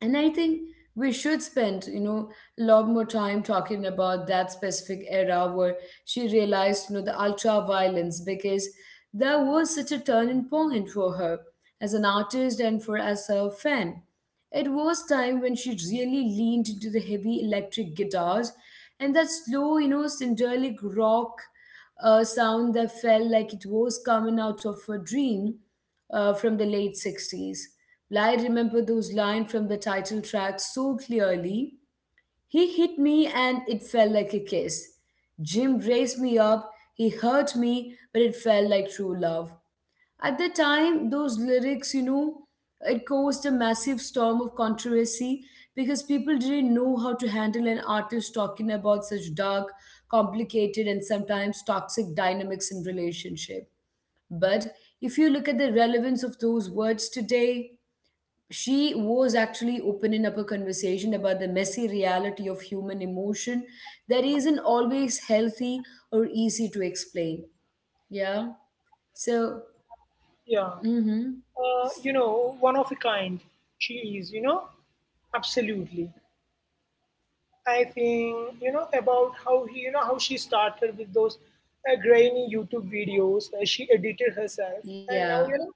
Speaker 1: And I think we should spend you know a lot more time talking about that specific era where she realized you know the ultra violence, because that was such a turning point for her as an artist and for as a fan. It was time when she really leaned into the heavy electric guitars and that slow you know syntelic rock sound that felt like it was coming out of a dream from the late 60s. I remember those lines from the title track so clearly. He hit me and it felt like a kiss. Jim raised me up, he hurt me, but it felt like true love. At the time, those lyrics, you know, it caused a massive storm of controversy because people didn't know how to handle an artist talking about such dark, complicated, and sometimes toxic dynamics in relationship. But if you look at the relevance of those words today, she was actually opening up a conversation about the messy reality of human emotion that isn't always healthy or easy to explain. Yeah. So,
Speaker 2: Yeah,
Speaker 1: mm-hmm.
Speaker 2: you know, one of a kind she is, you know, absolutely. I think, you know, about how he you know how she started with those grainy YouTube videos she edited herself, and
Speaker 1: Yeah,
Speaker 2: now, you know,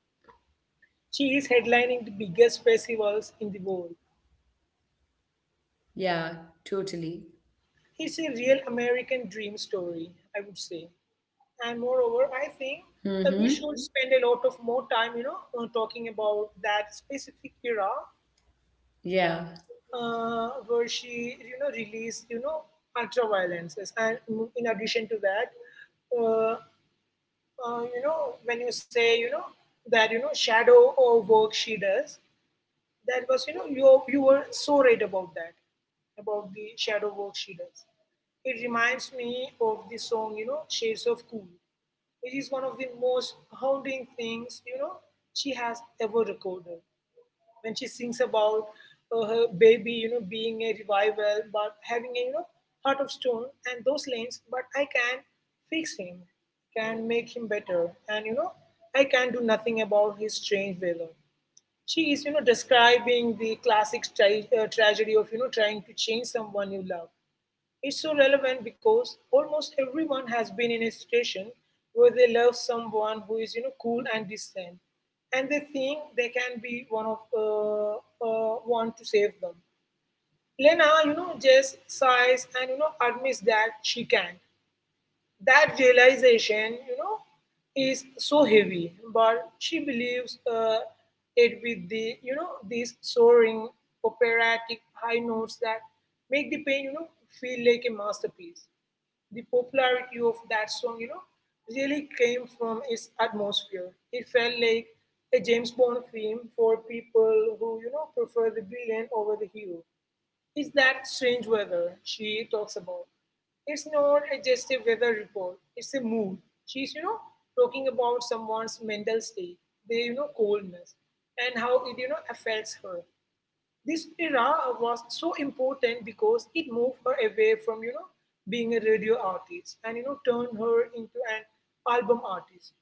Speaker 2: she is headlining the biggest festivals in the world.
Speaker 1: yeah, totally.
Speaker 2: It's a real American dream story, I would say. And moreover, I think that we
Speaker 1: Mm-hmm.
Speaker 2: should spend a lot of more time, you know, talking about that specific era
Speaker 1: Yeah.
Speaker 2: where she, you know, released, you know, ultra violences. And in addition to that, uh, you know, when you say, you know, that, you know, shadow or work she does, that was, you were so right about that, about the shadow work she does. It reminds me of the song, you know, Shades of Cool, which is one of the most haunting things, you know, she has ever recorded. When she sings about her baby, you know, being a revival, but having a, you know, heart of stone, and those lanes, but I can fix him, can make him better, and, you know, I can do nothing about his strange weather, she is, you know, describing the classic tragedy of, you know, trying to change someone you love. It's so relevant because almost everyone has been in a situation where they love someone who is, you know, cool and distant, and they think they can be one of one to save them. Lena, you know, just sighs and, you know, admits that she can't. That realization, you know, is so heavy, but she believes it with the, you know, these soaring operatic high notes that make the pain, you know, feel like a masterpiece. The popularity of that song, you know, really came from its atmosphere. It felt like a James Bond film for people who, you know, prefer the villain over the hero. It's that strange weather she talks about. It's not a just a weather report, it's a mood. She's, you know, talking about someone's mental state, their, you know, coldness, and how it, you know, affects her. This era was so important because it moved her away from, you know, being a radio artist and, you know, turned her into an album artist.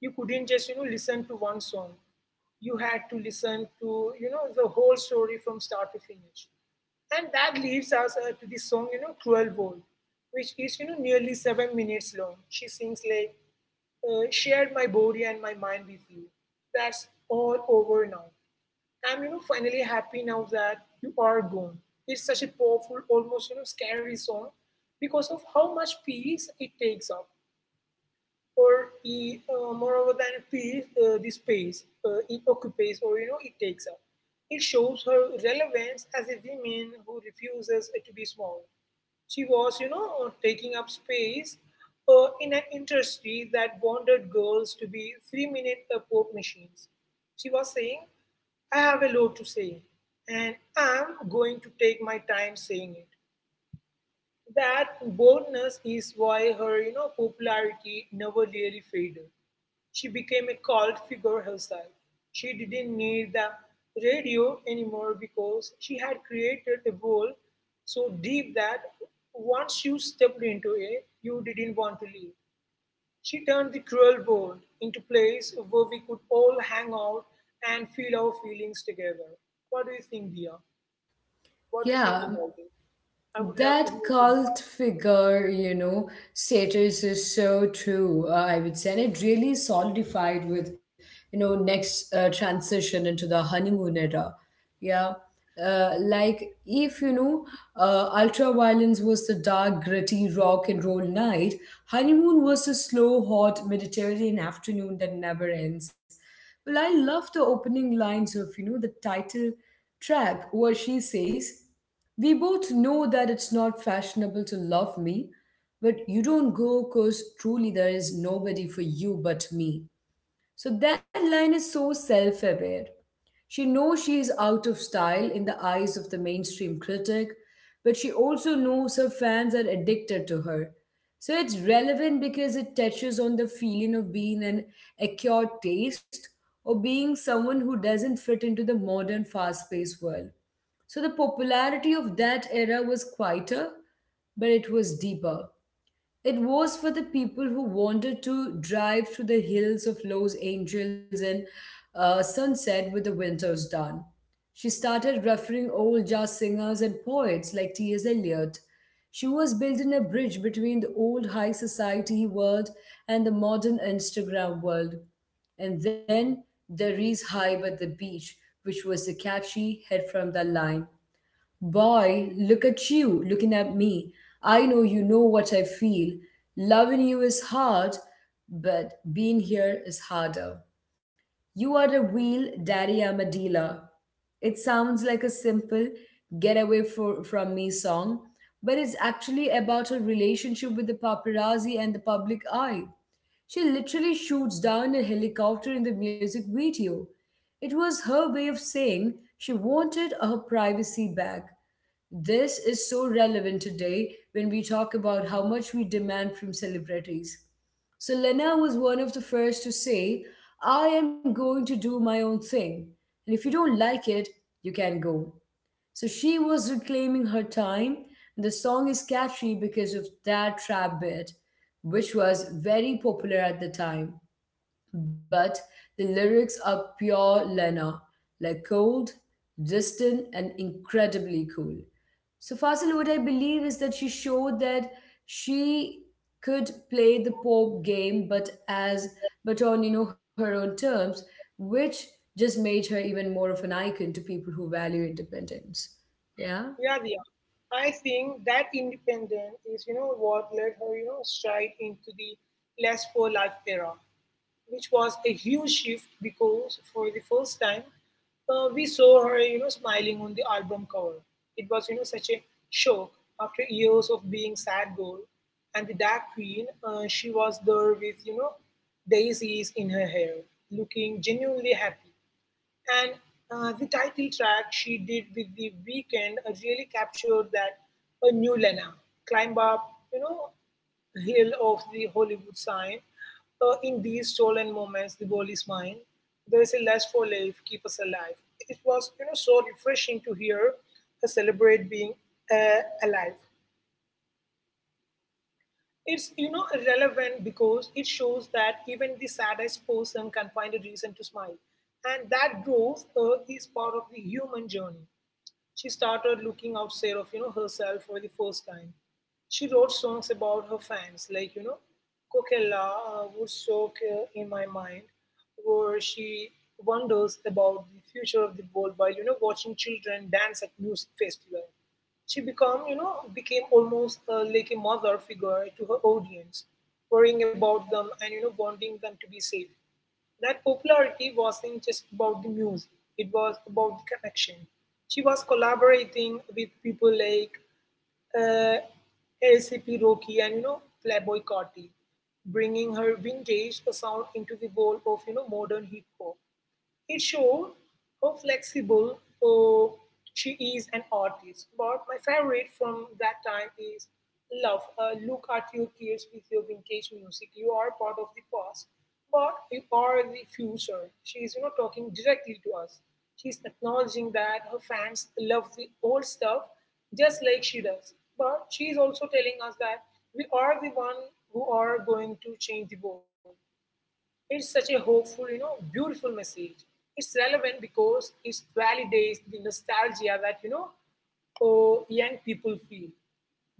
Speaker 2: You couldn't just, you know, listen to one song. You had to listen to, you know, the whole story from start to finish. And that leads us to the song, you know, Cruel World, which is, you know, nearly 7 minutes long. She sings like, shared my body and my mind with you. That's all over now. I'm, you know, finally happy now that you are gone. It's such a powerful, almost, you know, scary song because of how much peace it takes up, or moreover than peace, the space it occupies, or, you know, it takes up. It shows her relevance as a woman who refuses to be small. She was, you know, taking up space in an industry that wanted girls to be 3-minute pop machines. She was saying, I have a lot to say, and I'm going to take my time saying it. That boldness is why her, you know, popularity never really faded. She became a cult figure herself. She didn't need the radio anymore because she had created a world so deep that once you stepped into it, you didn't want to leave. She turned the cruel world into a place where we could all hang out and feel our feelings together. What do you think, Dia? What do you think
Speaker 1: Yeah.
Speaker 2: about it? I would love to
Speaker 1: That
Speaker 2: hear from
Speaker 1: cult
Speaker 2: you.
Speaker 1: figure, you know, status is so true, I would say. And it really solidified with, you know, next transition into the honeymoon era. Yeah. Like, if, you know, ultraviolence was the dark, gritty rock and roll night, honeymoon was the slow, hot Mediterranean afternoon that never ends. Well, I love the opening lines of, you know, the title track where she says, we both know that it's not fashionable to love me, but you don't go because truly there is nobody for you but me. So that line is so self aware. She knows she is out of style in the eyes of the mainstream critic, but she also knows her fans are addicted to her. So it's relevant because it touches on the feeling of being an acquired taste or being someone who doesn't fit into the modern fast paced world. So the popularity of that era was quieter, but it was deeper. It was for the people who wanted to drive through the hills of Los Angeles and sunset with the winter's done. She started referring old jazz singers and poets like T.S. Eliot. She was building a bridge between the old high society world and the modern Instagram world. And then there is Hype at the Beach, which was the catchy head from the line. Boy, look at you looking at me. I know you know what I feel. Loving you is hard, but being here is harder. You are a wheel, daddy, I'm a dealer. It sounds like a simple get away for, from me song, but it's actually about her relationship with the paparazzi and the public eye. She literally shoots down a helicopter in the music video. It was her way of saying she wanted her privacy back. This is so relevant today when we talk about how much we demand from celebrities. So Lena was one of the first to say, I am going to do my own thing. And if you don't like it, you can go. So she was reclaiming her time, and the song is catchy because of that trap bit, which was very popular at the time, but the lyrics are pure Lena, like cold, distant, and incredibly cool. So, Fasil, what I believe is that she showed that she could play the pop game, but on you know her own terms, which just made her even more of an icon to people who value independence. Yeah.
Speaker 2: Yeah, Diya. I think that independence is, you know, what led her, you know, stride into the less poor life era, which was a huge shift because for the first time, we saw her, you know, smiling on the album cover. It was, you know, such a shock after years of being sad girl. And the Dark Queen, she was there with, you know, daisies in her hair, looking genuinely happy. And the title track she did with The Weeknd really captured that. A new Lena climb up, you know, hill of the Hollywood sign. In these stolen moments, the ball is mine. There is a lust for life, keep us alive. It was, you know, so refreshing to hear her celebrate being alive. It's, you know, relevant because it shows that even the saddest person can find a reason to smile, and that growth is part of the human journey. She started looking outside of, you know, herself for the first time. She wrote songs about her fans, like, you know, Coquella would soak in my mind, where she wonders about the future of the world while, you know, watching children dance at music festival. She become you know became almost like a mother figure to her audience, worrying about them and, you know, wanting them to be safe. That popularity wasn't just about the music, it was about the connection. She was collaborating with people like uh, ACP Rocky and, you know, Playboy Carti, bringing her vintage sound into the world of, you know, modern hip hop. It showed how flexible, oh, she is an artist. But my favorite from that time is Love. Look at your kids with your vintage music. You are part of the past, but you are the future. She is, you know, talking directly to us. She's acknowledging that her fans love the old stuff just like she does. But she is also telling us that we are the one who are going to change the world. It's such a hopeful, you know, beautiful message. It's relevant because it validates the nostalgia that, you know, oh, young people feel.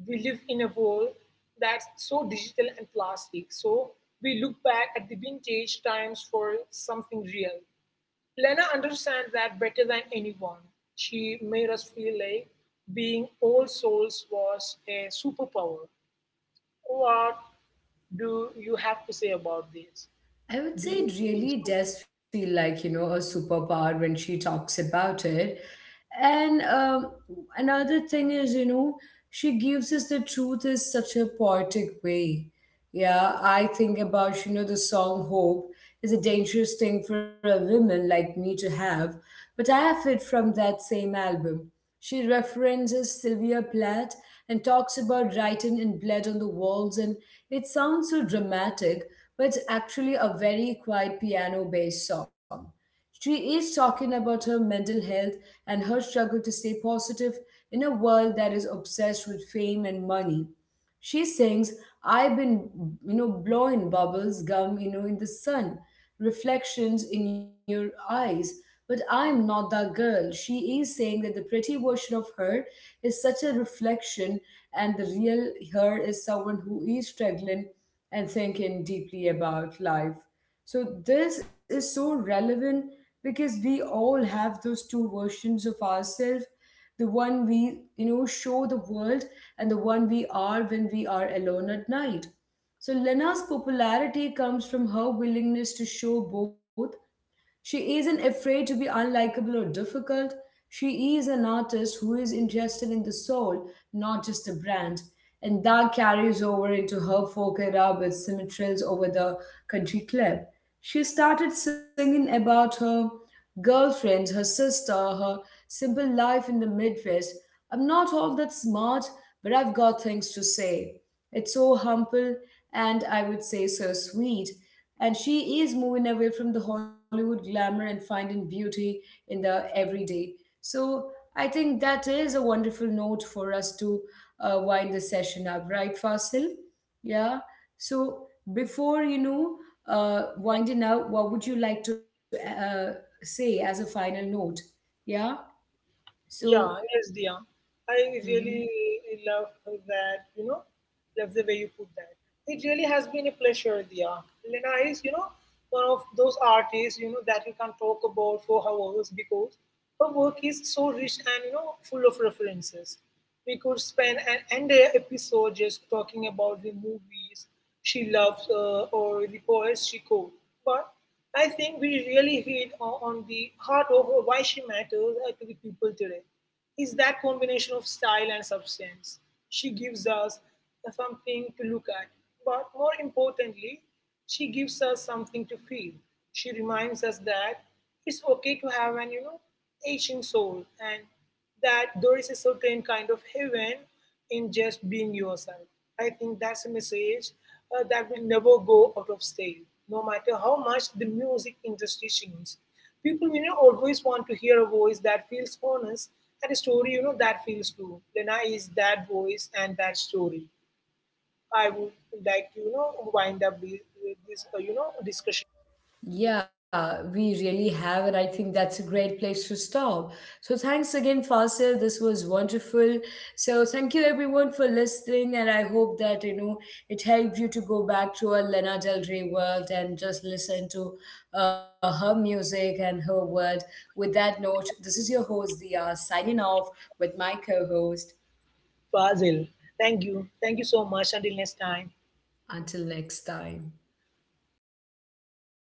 Speaker 2: We live in a world that's so digital and plastic. So we look back at the vintage times for something real. Lena understands that better than anyone. She made us feel like being old souls was a superpower. What do you have to say about this?
Speaker 1: I would
Speaker 2: Do
Speaker 1: say
Speaker 2: you
Speaker 1: it
Speaker 2: think
Speaker 1: really
Speaker 2: so?
Speaker 1: does feel like, you know, a superpower when she talks about it. And another thing is, you know, she gives us the truth in such a poetic way. Yeah, I think about, you know, the song Hope is a dangerous thing for a woman like me to have, but I have it from that same album. She references Sylvia Plath and talks about writing in blood on the walls, and it sounds so dramatic, but it's actually a very quiet piano based song. She is talking about her mental health and her struggle to stay positive in a world that is obsessed with fame and money. She sings, I've been, you know, blowing bubbles, gum, you know, in the sun, reflections in your eyes. But I'm not that girl. She is saying that the pretty version of her is such a reflection, and the real her is someone who is struggling and thinking deeply about life. So this is so relevant because we all have those two versions of ourselves, the one we, you know, show the world and the one we are when we are alone at night. So Lena's popularity comes from her willingness to show both. She isn't afraid to be unlikable or difficult. She is an artist who is interested in the soul, not just the brand. And that carries over into her folk era with symmetries over the country club. She started singing about her girlfriends, her sister, her simple life in the Midwest. I'm not all that smart, but I've got things to say. It's so humble, and I would say so sweet. And she is moving away from the Hollywood glamour and finding beauty in the everyday. So I think that is a wonderful note for us to wind the session up, right Fasil? Yeah. So before you know winding up, what would you like to uh, say as a final note? Yeah. So
Speaker 2: Yeah, yes, Dia. I
Speaker 1: mhm.
Speaker 2: really love that, love the way you put that. It really has been a pleasure, Dia. Lena is, you know, one of those artists, you know, that you can talk about for hours because her work is so rich and, you know, full of references. We could spend an entire episode just talking about the movies she loves or the poets she quotes. But I think we really hit on the heart of why she matters to the people today. Is that combination of style and substance. She gives us something to look at, but more importantly, she gives us something to feel. She reminds us that it's okay to have an, you know, aching soul, and that there is a certain kind of heaven in just being yourself. I think that's a message that will never go out of style, no matter how much the music industry changes. People, you know, always want to hear a voice that feels honest and a story, you know, that feels true. Lena is that voice and that story. I would like to, you know, wind up with this, you know, discussion.
Speaker 1: Yeah, we really have, and I think that's a great place to stop. So, thanks again, Fasil. This was wonderful. So, thank you everyone for listening, and I hope that you know it helped you to go back to a Lana Del Rey world and just listen to her music and her world. With that note, this is your host, Dia, signing off with my co host.
Speaker 2: Fazil, thank you. Thank you so much. Until next time.
Speaker 1: Until next time.